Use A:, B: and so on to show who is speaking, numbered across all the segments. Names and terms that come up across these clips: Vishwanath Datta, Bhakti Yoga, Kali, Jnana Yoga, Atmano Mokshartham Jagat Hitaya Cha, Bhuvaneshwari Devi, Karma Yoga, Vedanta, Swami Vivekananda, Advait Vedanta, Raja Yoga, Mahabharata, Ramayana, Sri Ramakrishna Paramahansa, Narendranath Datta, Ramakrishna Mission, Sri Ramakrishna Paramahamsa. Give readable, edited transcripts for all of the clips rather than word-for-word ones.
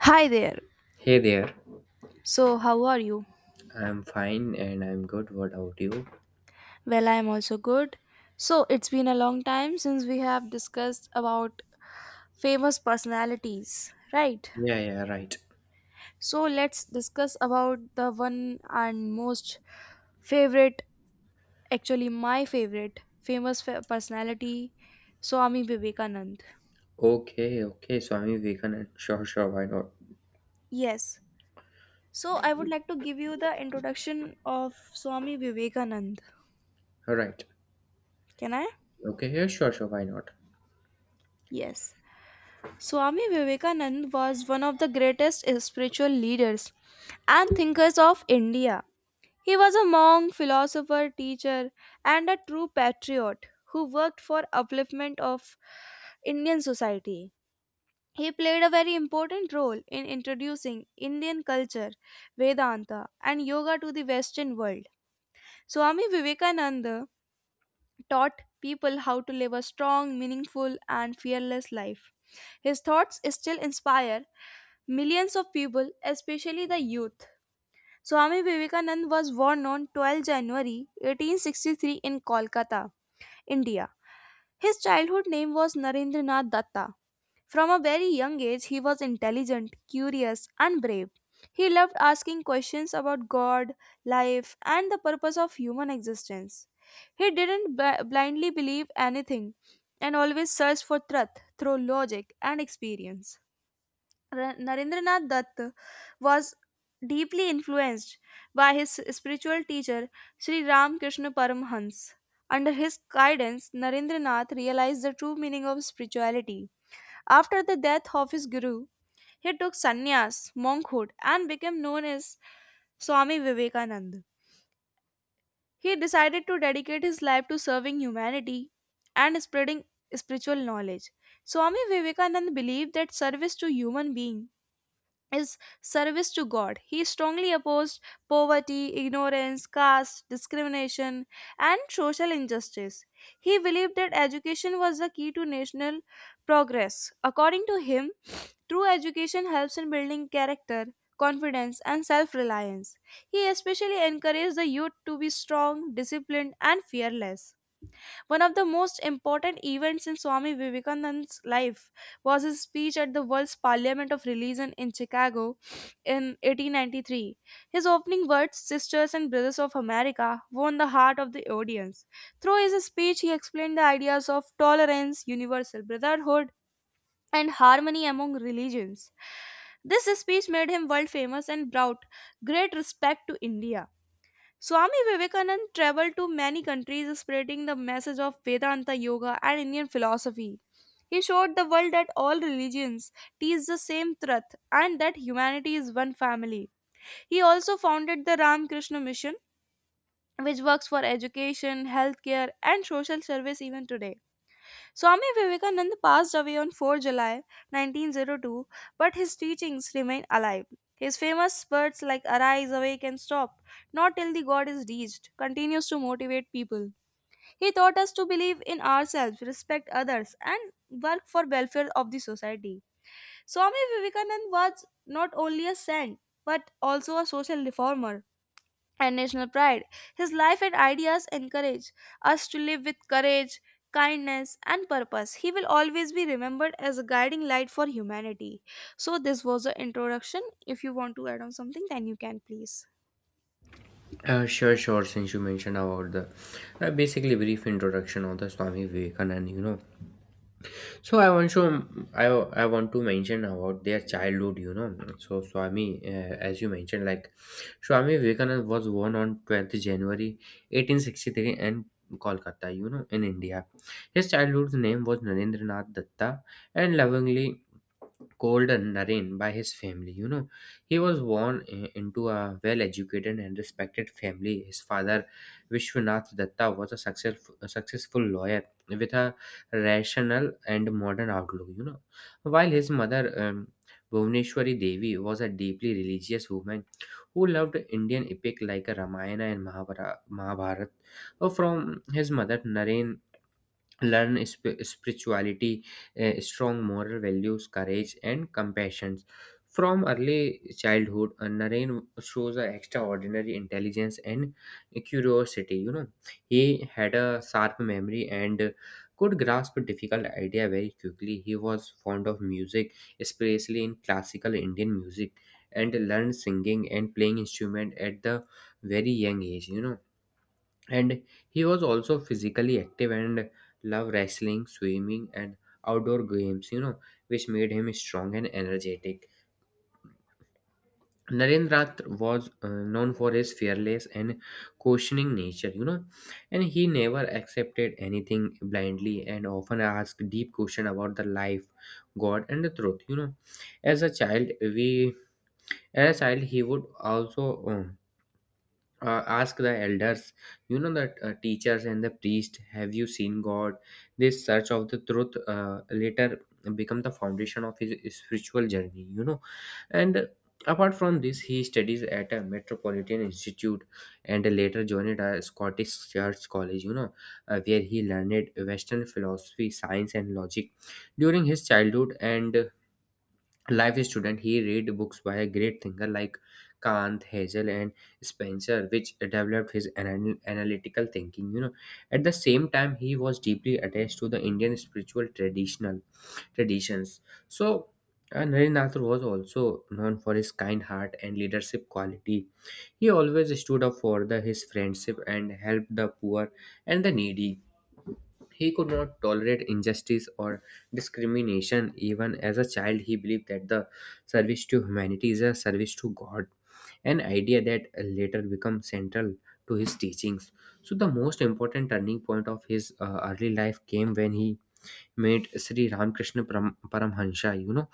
A: Hi there.
B: Hey there.
A: So, how are you?
B: I'm fine and I'm good. What about you?
A: Well, I am also good. So, it's been a long time since we have discussed about famous personalities, right?
B: Yeah, yeah, right.
A: So, let's discuss about the one and most favorite, actually, my favorite famous personality, Swami Vivekanand.
B: Okay, okay, Swami Vivekanand. Sure, sure, why not?
A: Yes. So, I would like to give you the introduction of Swami Vivekanand.
B: All right.
A: Can I?
B: Okay, yeah, sure, sure, why not?
A: Yes. Swami Vivekanand was one of the greatest spiritual leaders and thinkers of India. He was a monk, philosopher, teacher, and a true patriot who worked for upliftment of Indian society. He played a very important role in introducing Indian culture, Vedanta, and yoga to the Western world. Swami Vivekananda taught people how to live a strong, meaningful, and fearless life. His thoughts still inspire millions of people, especially the youth. Swami Vivekanand was born on 12 January 1863 in Kolkata, India. His childhood name was Narendranath Datta. From a very young age, he was intelligent, curious, and brave. He loved asking questions about God, life, and the purpose of human existence. He didn't blindly believe anything and always searched for truth through logic and experience. Narendranath Dutt was deeply influenced by his spiritual teacher Sri Ramakrishna Paramhans. Under his guidance, Narendranath realized the true meaning of spirituality after the death of his guru, he took sannyas, monkhood, and became known as Swami Vivekananda. He decided to dedicate his life to serving humanity and spreading spiritual knowledge. Swami Vivekananda believed that service to human beings is service to God. He strongly opposed poverty, ignorance, caste, discrimination, and social injustice. He believed that education was the key to national progress. According to him, true education helps in building character, confidence, and self reliance. He especially encouraged the youth to be strong, disciplined, and fearless. One of the most important events in Swami Vivekananda's life was his speech at the World's Parliament of Religion in Chicago in 1893. His opening words, Sisters and Brothers of America, won the heart of the audience. Through his speech, he explained the ideas of tolerance, universal brotherhood, and harmony among religions. This speech made him world famous and brought great respect to India. Swami Vivekanand traveled to many countries spreading the message of Vedanta yoga and Indian philosophy. He showed the world that all religions teach the same truth and that humanity is one family. He also founded the Ramakrishna Mission, which works for education, healthcare, and social service even today. Swami Vivekananda passed away on 4 July 1902, but his teachings remain alive. His famous words like arise, awake, and stop, not till the God is reached, continues to motivate people. He taught us to believe in ourselves, respect others, and work for welfare of the society. Swami Vivekananda was not only a saint but also a social reformer and national pride. His life and ideas encourage us to live with courage, kindness, and purpose. He will always be remembered as a guiding light for humanity. So, this was the introduction. If you want to add on something, then you can please.
B: Sure, sure, since you mentioned about the basically brief introduction of the Swami Vivekanand, So I want to I, I want to mention about their childhood. So Swami, as you mentioned, like Swami Vivekananda was born on 12th January 1863 in Kolkata, in India. His childhood's name was Narendranath Datta, and lovingly called a Naren by his family. He was born into a well-educated and respected family. His father, Vishwanath Datta, was a successful lawyer with a rational and modern outlook. While his mother, Bhuvaneshwari Devi, was a deeply religious woman who loved Indian epic like Ramayana and Mahabharata. From his mother, Naren learn spirituality, strong moral values, courage, and compassion from early childhood. Naren shows an extraordinary intelligence and curiosity. He had a sharp memory and could grasp a difficult idea very quickly. He was fond of music, especially in classical Indian music, and learned singing and playing instrument at the very young age. You know and he was also physically active and loved wrestling, swimming, and outdoor games, which made him strong and energetic. Narendrath was known for his fearless and questioning nature. You know and he never accepted anything blindly and often asked deep questions about the life, god, and the truth. As a child we as a child, he would also ask the elders, that teachers and the priest, have you seen god? This search of the truth later become the foundation of his spiritual journey. You know and apart from this, he studies at a metropolitan institute and later joined a Scottish church college, where he learned western philosophy, science, and logic. During his childhood and life student, he read books by a great thinker like Kant, Hegel, and Spencer, which developed his analytical thinking. At the same time, he was deeply attached to the Indian spiritual traditional traditions. So, Narendra was also known for his kind heart and leadership quality. He always stood up for the, his friendship and helped the poor and the needy. He could not tolerate injustice or discrimination. Even as a child, he believed that the service to humanity is a service to God, an idea that later became central to his teachings. So, the most important turning point of his early life came when he made Sri Ramakrishna Paramhansa. you know,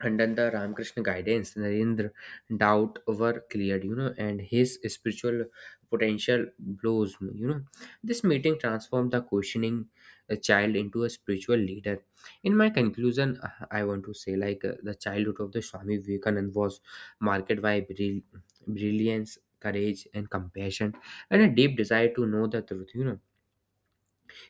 B: under the Ramakrishna guidance, Narendra doubt were cleared, and his spiritual potential blows. This meeting transformed the questioning child into a spiritual leader. In my conclusion, I want to say like the childhood of the Swami Vivekananda was marked by brilliance, courage, and compassion, and a deep desire to know the truth. you know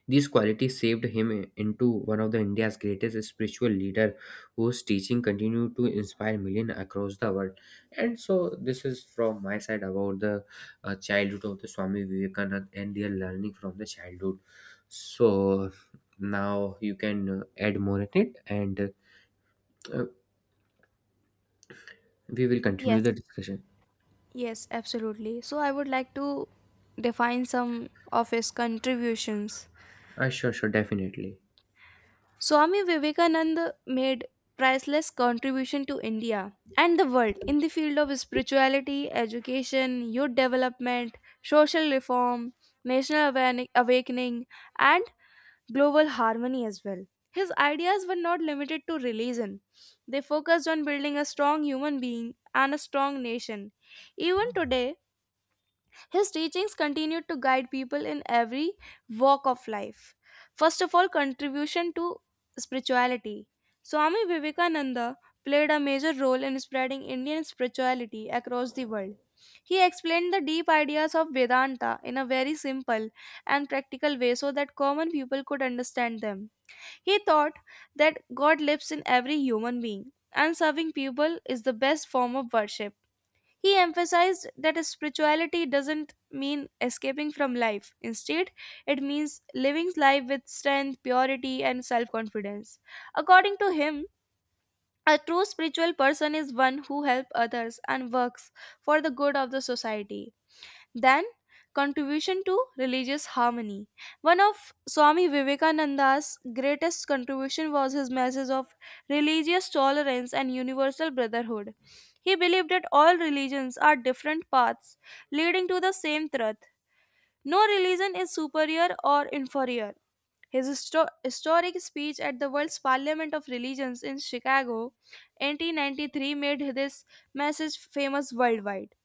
B: these qualities saved him into one of the India's greatest spiritual leader, whose teaching continue to inspire millions across the world. And so, this is from my side about the childhood of the Swami Vivekananda and their learning from the childhood. So now you can add more in it, and uh, we will continue
A: Yes.
B: the discussion.
A: Yes, absolutely. So, I would like to define some of his contributions.
B: Sure, sure, definitely.
A: Swami Vivekananda made priceless contribution to India and the world in the field of spirituality, education, youth development, social reform, national awakening and global harmony as well. His ideas were not limited to religion. They focused on building a strong human being and a strong nation. Even today, his teachings continued to guide people in every walk of life. First of all, contribution to spirituality. Swami Vivekananda played a major role in spreading Indian spirituality across the world. He explained the deep ideas of Vedanta in a very simple and practical way so that common people could understand them. He thought that God lives in every human being, and serving people is the best form of worship. He emphasized that spirituality doesn't mean escaping from life. Instead, it means living life with strength, purity, and self confidence. According to him, a true spiritual person is one who helps others and works for the good of the society. Then, contribution to religious harmony. One of Swami Vivekananda's greatest contribution was his message of religious tolerance and universal brotherhood. He believed that all religions are different paths leading to the same truth. No religion is superior or inferior. His historic speech at the World's Parliament of Religions in Chicago, 1893, made this message famous worldwide.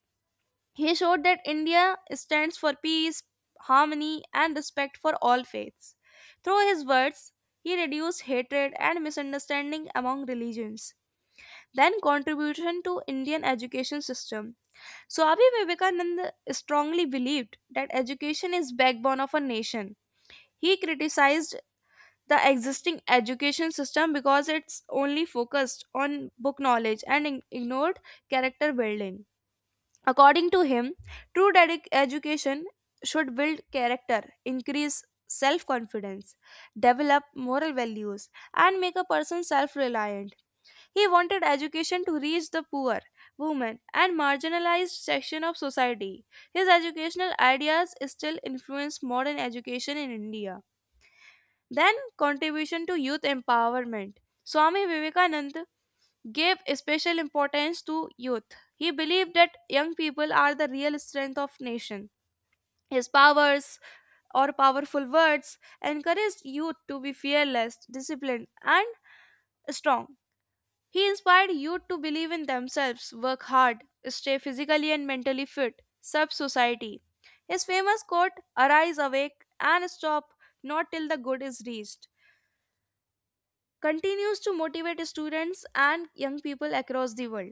A: He showed that India stands for peace, harmony, and respect for all faiths. Through his words, he reduced hatred and misunderstanding among religions. Then contribution to Indian education system. Swami Vivekananda strongly believed that education is backbone of a nation. He criticized the existing education system because it's only focused on book knowledge and ignored character building. According to him, true education should build character, increase self confidence, develop moral values, and make a person self reliant. He wanted education to reach the poor, women, and marginalized section of society. His educational ideas still influence modern education in India. Then, contribution to youth empowerment. Swami Vivekanand gave special importance to youth. He believed that young people are the real strength of nation. His powers or powerful words encouraged youth to be fearless, disciplined, and strong. He inspired youth to believe in themselves, work hard, stay physically and mentally fit, serve society. His famous quote, Arise, awake, and stop not till the good is reached, continues to motivate students and young people across the world.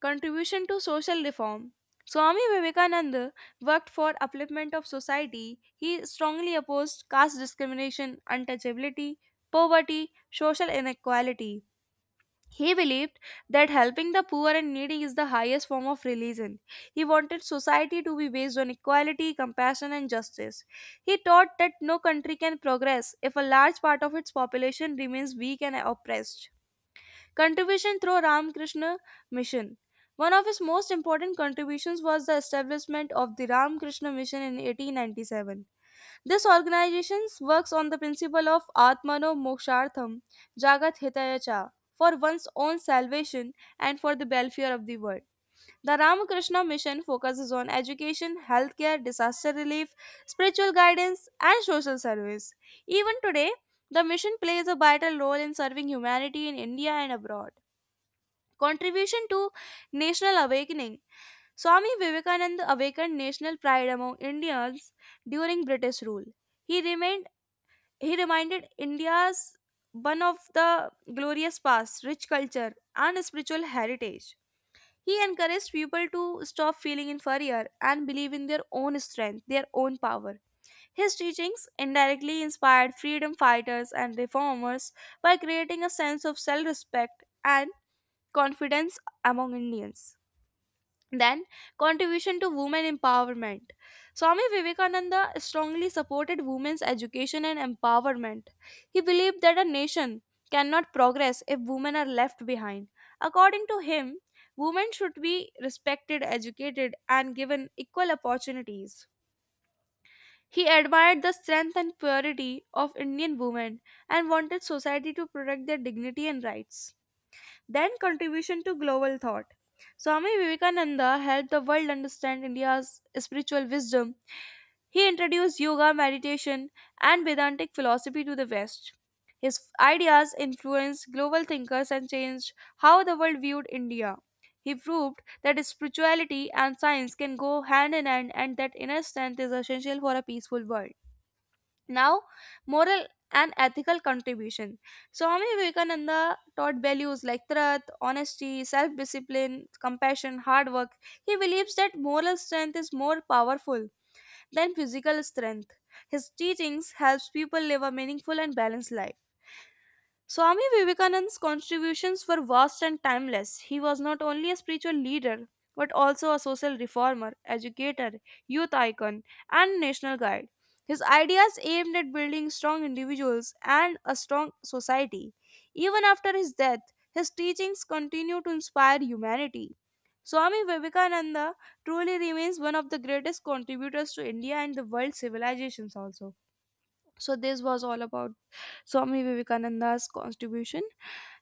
A: Contribution to social reform. Swami Vivekananda worked for upliftment of society. He strongly opposed caste discrimination, untouchability, poverty, social inequality. He believed that helping the poor and needy is the highest form of religion. He wanted society to be based on equality, compassion, and justice. He taught that no country can progress if a large part of its population remains weak and oppressed. Contribution through Ramakrishna Mission. One of his most important contributions was the establishment of the Ramakrishna Mission in 1897. This organization works on the principle of Atmano Mokshartham Jagat Hitaya Cha for one's own salvation and for the welfare of the world. The Ramakrishna Mission focuses on education, healthcare, disaster relief, spiritual guidance, and social service. Even today, the mission plays a vital role in serving humanity in India and abroad. Contribution to national awakening. Swami Vivekananda awakened national pride among Indians during British rule. He remained he reminded India's one of the glorious past, rich culture, and spiritual heritage. He encouraged people to stop feeling inferior and believe in their own strength, their own power. His teachings indirectly inspired freedom fighters and reformers by creating a sense of self respect and confidence among Indians. Then, contribution to women empowerment. Swami Vivekananda strongly supported women's education and empowerment. He believed that a nation cannot progress if women are left behind. According to him, women should be respected, educated, and given equal opportunities. He admired the strength and purity of Indian women and wanted society to protect their dignity and rights then contribution to global thought. Swami Vivekananda helped the world understand India's spiritual wisdom. He introduced yoga, meditation, and Vedantic philosophy to the West. His ideas influenced global thinkers and changed how the world viewed India. He proved that spirituality and science can go hand in hand and that inner strength is essential for a peaceful world. Now, moral and ethical contribution. Swami Vivekananda taught values like truth, honesty, self discipline, compassion, hard work. He believes that moral strength is more powerful than physical strength. His teachings helps people live a meaningful and balanced life. Swami Vivekananda's contributions were vast and timeless. He was not only a spiritual leader, but also a social reformer, educator, youth icon, and national guide. His ideas aimed at building strong individuals and a strong society. Even after his death, his teachings continue to inspire humanity. Swami Vivekananda truly remains one of the greatest contributors to India and the world civilizations also. So this was all about Swami Vivekananda's contribution.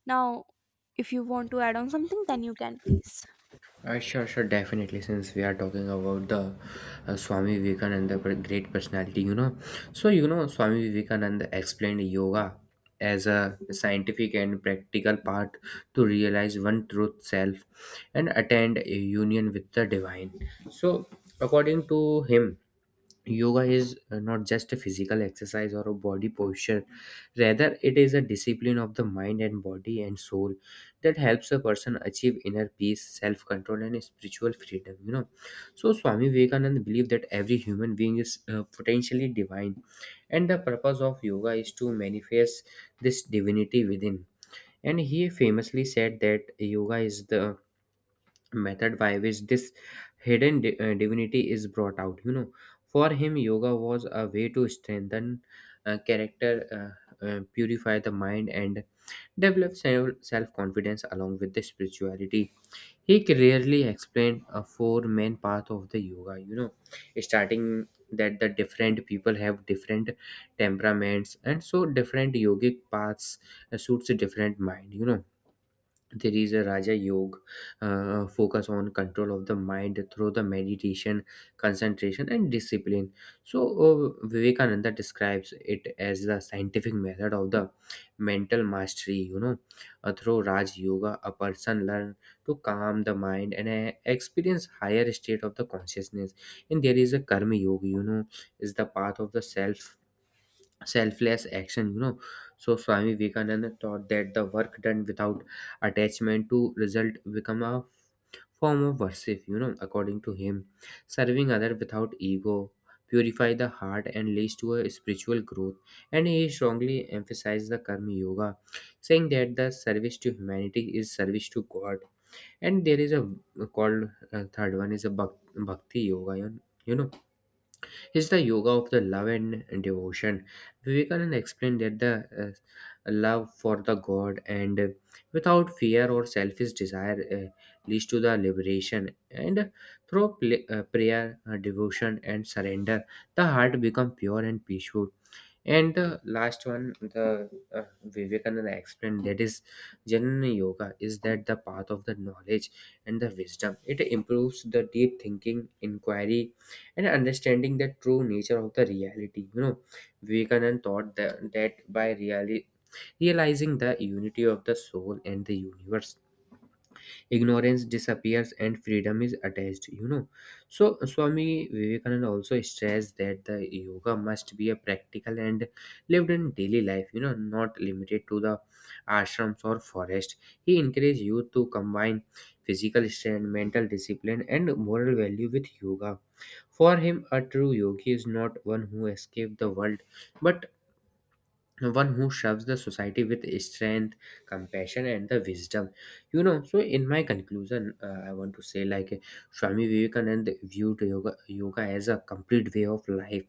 A: Now, if you want to add on something, then you can please.
B: Sure, sure, definitely. Since we are talking about the Swami Vivekananda great personality, Swami Vivekananda explained yoga as a scientific and practical path to realize one truth self and attend a union with the divine. So, according to him, yoga is not just a physical exercise or a body posture. Rather, it is a discipline of the mind and body and soul that helps a person achieve inner peace, self control, and spiritual freedom. So Swami Vivekananda believed that every human being is potentially divine, and the purpose of yoga is to manifest this divinity within. And he famously said that yoga is the method by which this hidden divinity is brought out. For him, yoga was a way to strengthen character, purify the mind, and develop self confidence along with the spirituality. He clearly explained a four main path of the yoga, starting that the different people have different temperaments, and so different yogic paths suits a different mind. There is a raja yoga, focus on control of the mind through the meditation, concentration, and discipline. So Vivekananda describes it as the scientific method of the mental mastery. Through raj yoga, a person learn to calm the mind and experience higher state of the consciousness. And there is a karma yoga, is the path of the self selfless action. So Swami Vivekananda taught that the work done without attachment to result become a form of worship. According to him, serving other without ego purify the heart and leads to a spiritual growth. And he strongly emphasized the karma yoga, saying that the service to humanity is service to god. And there is a called third one is a bhakti yoga, you know is the yoga of the love and devotion. Vivekananda explained that the love for the God, and without fear or selfish desire, leads to the liberation. And through prayer, devotion, and surrender, the heart becomes pure and peaceful. And the last one, the Vivekananda explained, that is Jnana Yoga, is that the path of the knowledge and the wisdom. It improves the deep thinking, inquiry, and understanding the true nature of the reality. Vivekananda thought that by really realizing the unity of the soul and the universe, ignorance disappears and freedom is attached. So Swami Vivekananda also stressed that the yoga must be a practical and lived in daily life, not limited to the ashrams or forest. He encouraged youth to combine physical strength, mental discipline, and moral value with yoga. For him, a true yogi is not one who escaped the world, but one who serves the society with strength, compassion, and the wisdom. So in my conclusion, I want to say like Swami Vivekananda viewed yoga as a complete way of life,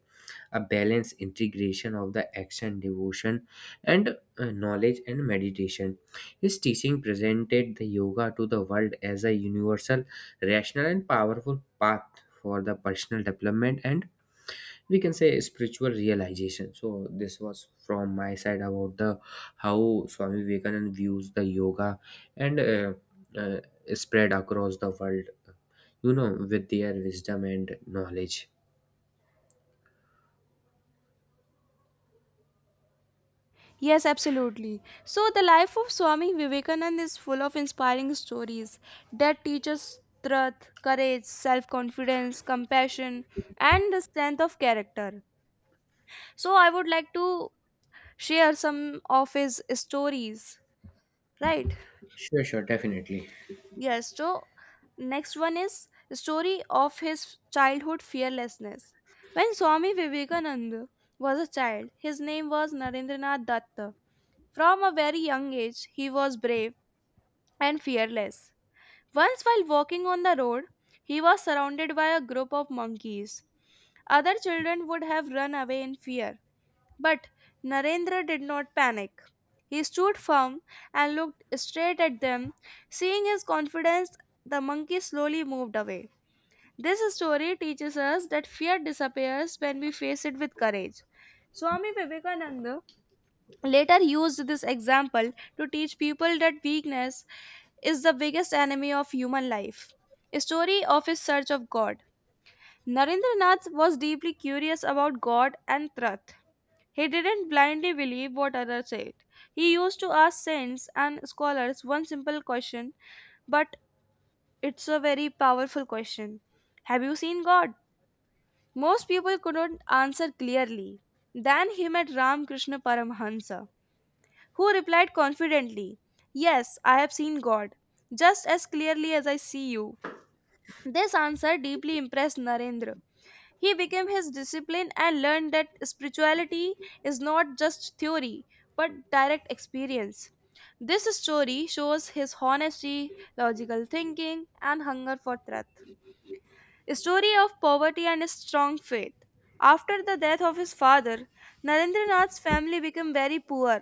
B: a balanced integration of the action, devotion, and knowledge and meditation. His teaching presented the yoga to the world as a universal, rational, and powerful path for the personal development and, we can say, spiritual realization. So this was from my side about the how Swami Vivekananda views the yoga and uh, spread across the world with their wisdom and knowledge.
A: Yes, absolutely. So, the life of Swami Vivekananda is full of inspiring stories that teach us truth, courage, self confidence, compassion, and the strength of character. So, I would like to share some of his stories, right?
B: Sure, sure, definitely.
A: Yes. So, next one is story of his childhood fearlessness. When Swami Vivekananda was a child, his name was Narendranath Datta. From a very young age, he was brave and fearless. Once while walking on the road, he was surrounded by a group of monkeys. Other children would have run away in fear. But Narendra did not panic. He stood firm and looked straight at them. Seeing his confidence, the monkey slowly moved away. This story teaches us that fear disappears when we face it with courage. Swami Vivekananda later used this example to teach people that weakness is the biggest enemy of human life. A story of his search of God. Narendranath was deeply curious about God and truth. He didn't blindly believe what others said. He used to ask saints and scholars one simple question, but it's a very powerful question. Have you seen God? Most people couldn't answer clearly. Then he met Ramakrishna Paramahansa, who replied confidently, "Yes, I have seen God, just as clearly as I see you." This answer deeply impressed Narendra. He became his discipline and learned that spirituality is not just theory but direct experience. This story shows his honesty, logical thinking, and hunger for truth story of poverty and strong faith. After the death of his father, Narendranath's family became very poor.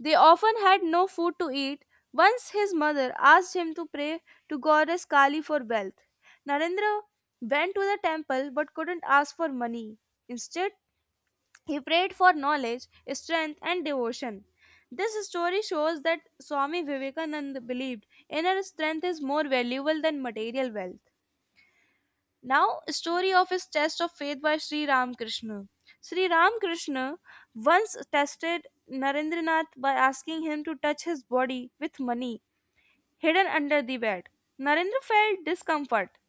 A: They often had no food to eat. Once his mother asked him to pray to goddess Kali for wealth. Narendra went to the temple but couldn't ask for money. Instead, he prayed for knowledge, strength, and devotion. This story shows that Swami Vivekananda believed inner strength is more valuable than material wealth. Now, story of his test of faith by Sri Ramakrishna. Sri Ramakrishna once tested Narendranath by asking him to touch his body with money hidden under the bed. Narendra felt discomfort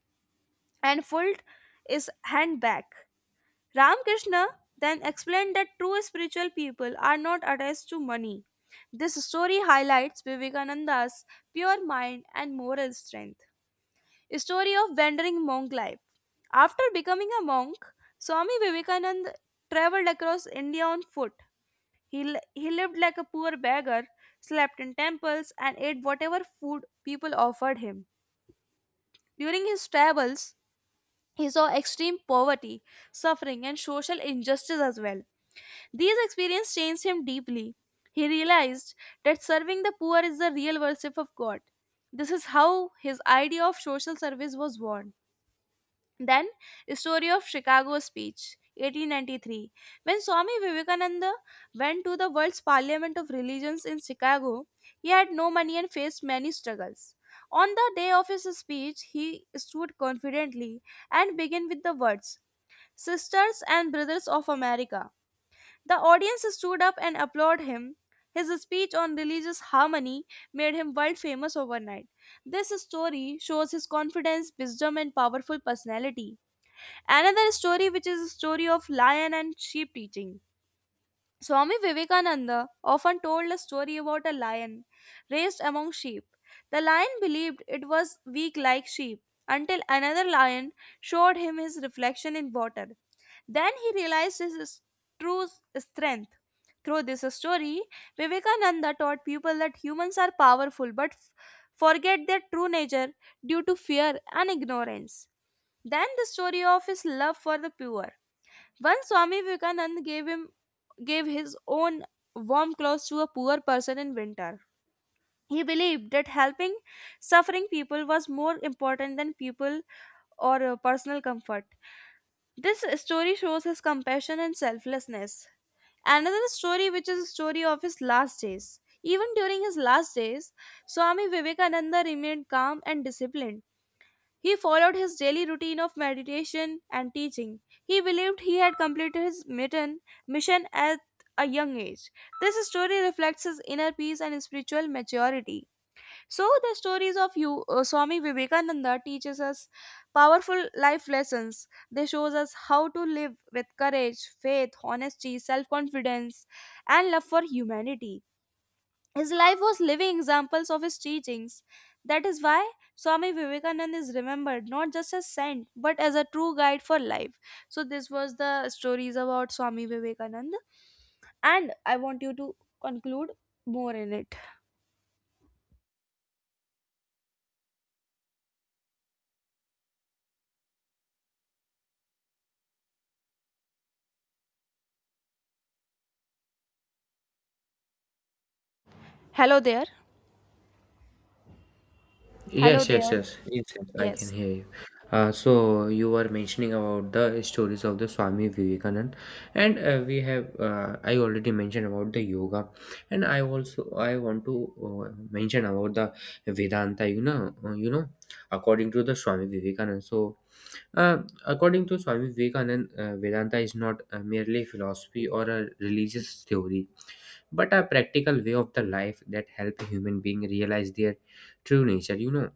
A: and pulled his hand back. Ramakrishna then explained that true spiritual people are not attached to money. This story highlights Vivekananda's pure mind and moral strength. Story of wandering monk life. After becoming a monk, Swami Vivekananda traveled across India on foot. He lived like a poor beggar, slept in temples, and ate whatever food people offered him. During his travels, he saw extreme poverty, suffering, and social injustice as well. These experiences changed him deeply. He realized that serving the poor is the real worship of God. This is how his idea of social service was born. Then, story of Chicago speech, 1893. When Swami Vivekananda went to the world's parliament of religions in Chicago, he had no money and faced many struggles. On the day of his speech, he stood confidently and began with the words, "Sisters and Brothers of America." The audience stood up and applauded him. His speech on religious harmony made him world famous overnight. This story shows his confidence, wisdom, and powerful personality. Another story, which is a story of lion and sheep teaching. Swami Vivekananda often told a story about a lion raised among sheep. The lion believed it was weak like sheep until another lion showed him his reflection in water. Then he realized his true strength. Through this story, Vivekananda taught people that humans are powerful but forget their true nature due to fear and ignorance. Then the story of his love for the poor. Once Swami Vivekanand gave his own warm clothes to a poor person in winter. He believed that helping suffering people was more important than people or personal comfort. This story shows his compassion and selflessness. Another story, which is a story of his last days. Even during his last days, Swami Vivekananda remained calm and disciplined. He followed his daily routine of meditation and teaching. He believed he had completed his mission at a young age. This story reflects his inner peace and spiritual maturity. So the stories of you Swami Vivekananda teaches us powerful life lessons. They shows us how to live with courage, faith, honesty, self-confidence and love for humanity. His life was living examples of his teachings. That is why Swami Vivekananda is remembered not just as saint but as a true guide for life. So this was the stories about Swami Vivekananda and I want you to conclude more in it. Hello there. Hello
B: Yes, yes,
A: there.
B: yes, yes, yes, I can
A: Yes.
B: hear you. So you were mentioning about the stories of the Swami Vivekanand, and we have I already mentioned about the yoga, and I want to mention about the Vedanta. According to the Swami Vivekanand. So, uh, according to Swami Vivekanand, Vedanta is not merely philosophy or a religious theory, but a practical way of the life that help human being realize their true nature. You know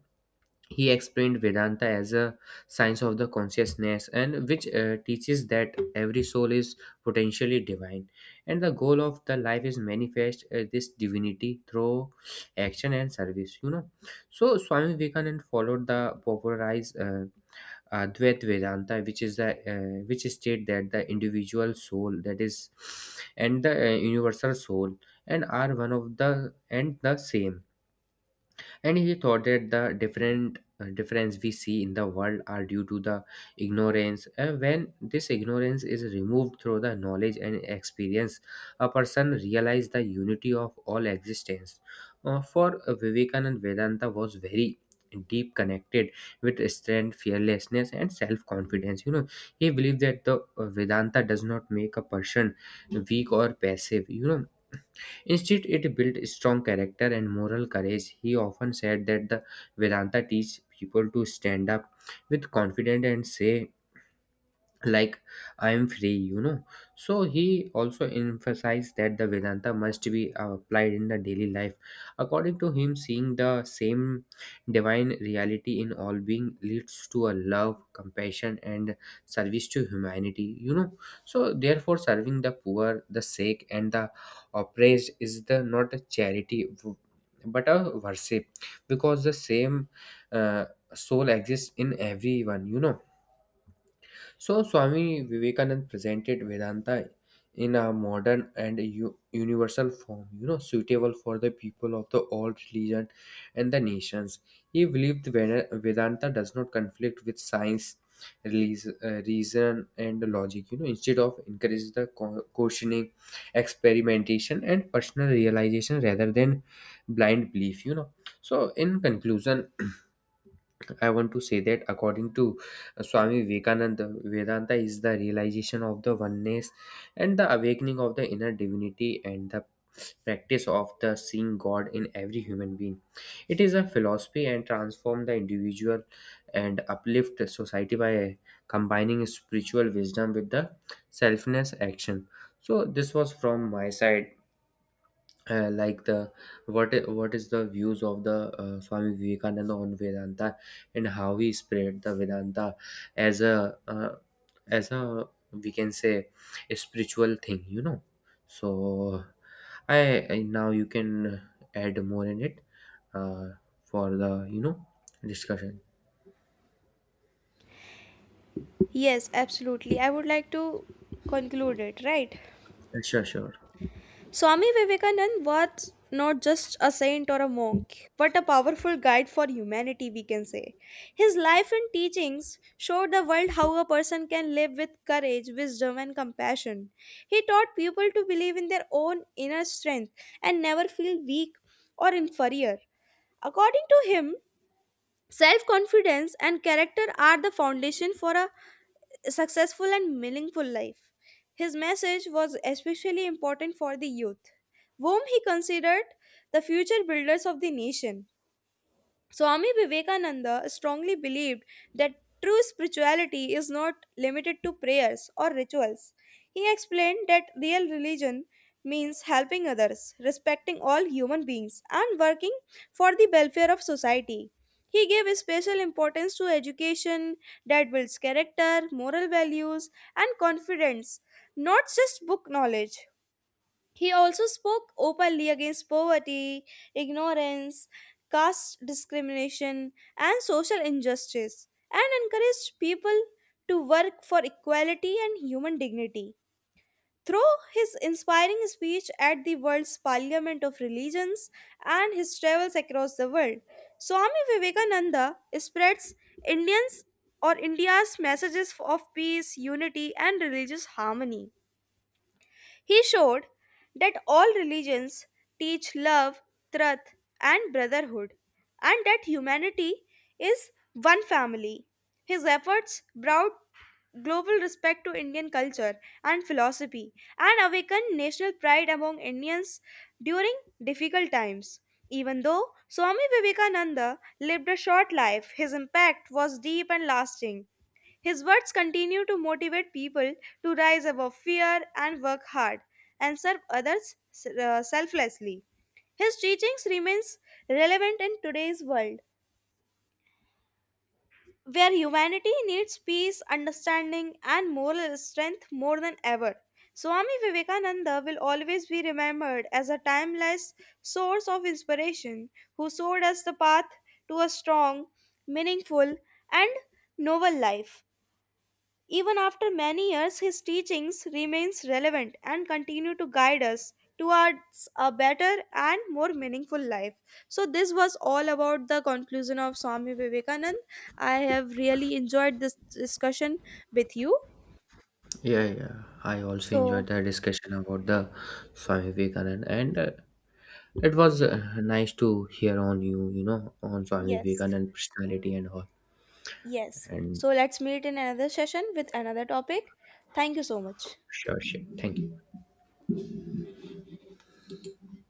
B: he explained Vedanta as a science of the consciousness, and which teaches that every soul is potentially divine, and the goal of the life is manifest this divinity through action and service. So Swami Vivekananda followed the popularized Advait Vedanta, which is the which state that the individual soul that is, and the universal soul, and are one of the and the same. And he thought that the different difference we see in the world are due to the ignorance, and when this ignorance is removed through the knowledge and experience, a person realizes the unity of all existence. For Vivekanand, Vedanta was very deep connected with strength, fearlessness, and self-confidence. He believed that the Vedanta does not make a person weak or passive. Instead it built strong character and moral courage. He often said that the Vedanta teaches people to stand up with confidence and say like, I'm free. So he also emphasized that the Vedanta must be applied in the daily life. According to him, seeing the same divine reality in all being leads to a love, compassion, and service to humanity. So therefore, serving the poor, the sick, and the oppressed is the not a charity but a worship, because the same uh, soul exists in everyone. Swami Vivekananda presented Vedanta in a modern and universal form, suitable for the people of the all religion and the nations. He believed Vedanta does not conflict with science, reason, and logic. Instead of encourage the questioning, experimentation, and personal realization rather than blind belief. So in conclusion, I want to say that according to Swami Vivekananda, Vedanta is the realization of the oneness, and the awakening of the inner divinity, and the practice of the seeing God in every human being. It is a philosophy and transform the individual and uplift the society by combining spiritual wisdom with the selfness action. So this was from my side like the what is the views of the Swami Vivekananda on Vedanta and how he spread the Vedanta as a as a, we can say, a spiritual thing. You know so I, I now you can add more in it, uh, for the, discussion.
A: Yes, absolutely. I would like to conclude it, right?
B: Sure, sure.
A: Swami Vivekananda was not just a saint or a monk, but a powerful guide for humanity, we can say. His life and teachings showed the world how a person can live with courage, wisdom, and compassion. He taught people to believe in their own inner strength and never feel weak or inferior. According to him, self confidence and character are the foundation for a successful and meaningful life. His message was especially important for the youth, whom he considered the future builders of the nation. Swami Vivekananda strongly believed that true spirituality is not limited to prayers or rituals. He explained that real religion means helping others, respecting all human beings, and working for the welfare of society. He gave special importance to education that builds character, moral values, and confidence, not just book knowledge. He also spoke openly against poverty, ignorance, caste discrimination, and social injustice, and encouraged people to work for equality and human dignity. Through his inspiring speech at the world's Parliament of Religions and his travels across the world, Swami Vivekananda spreads Indians or India's messages of peace, unity, and religious harmony. He showed that all religions teach love, truth, and brotherhood, and that humanity is one family. His efforts brought global respect to Indian culture and philosophy and awakened national pride among Indians during difficult times. Even though Swami Vivekananda lived a short life, his impact was deep and lasting. His words continue to motivate people to rise above fear and work hard and serve others selflessly. His teachings remains relevant in today's world where humanity needs peace, understanding and moral strength more than ever. Swami Vivekananda will always be remembered as a timeless source of inspiration who showed us the path to a strong, meaningful and noble life. Even after many years, his teachings remains relevant and continue to guide us towards a better and more meaningful life. So this was all about the conclusion of Swami Vivekanand. I have really enjoyed this discussion with you.
B: Yeah, yeah, I also
A: So,
B: enjoyed the discussion about the Swami Vivekananda. And it was nice to hear on you, on Swami
A: yes.
B: Vivekanand personality and all,
A: Yes.
B: and
A: So let's meet in another session with another topic. Thank you so much.
B: sure, shit. Thank you.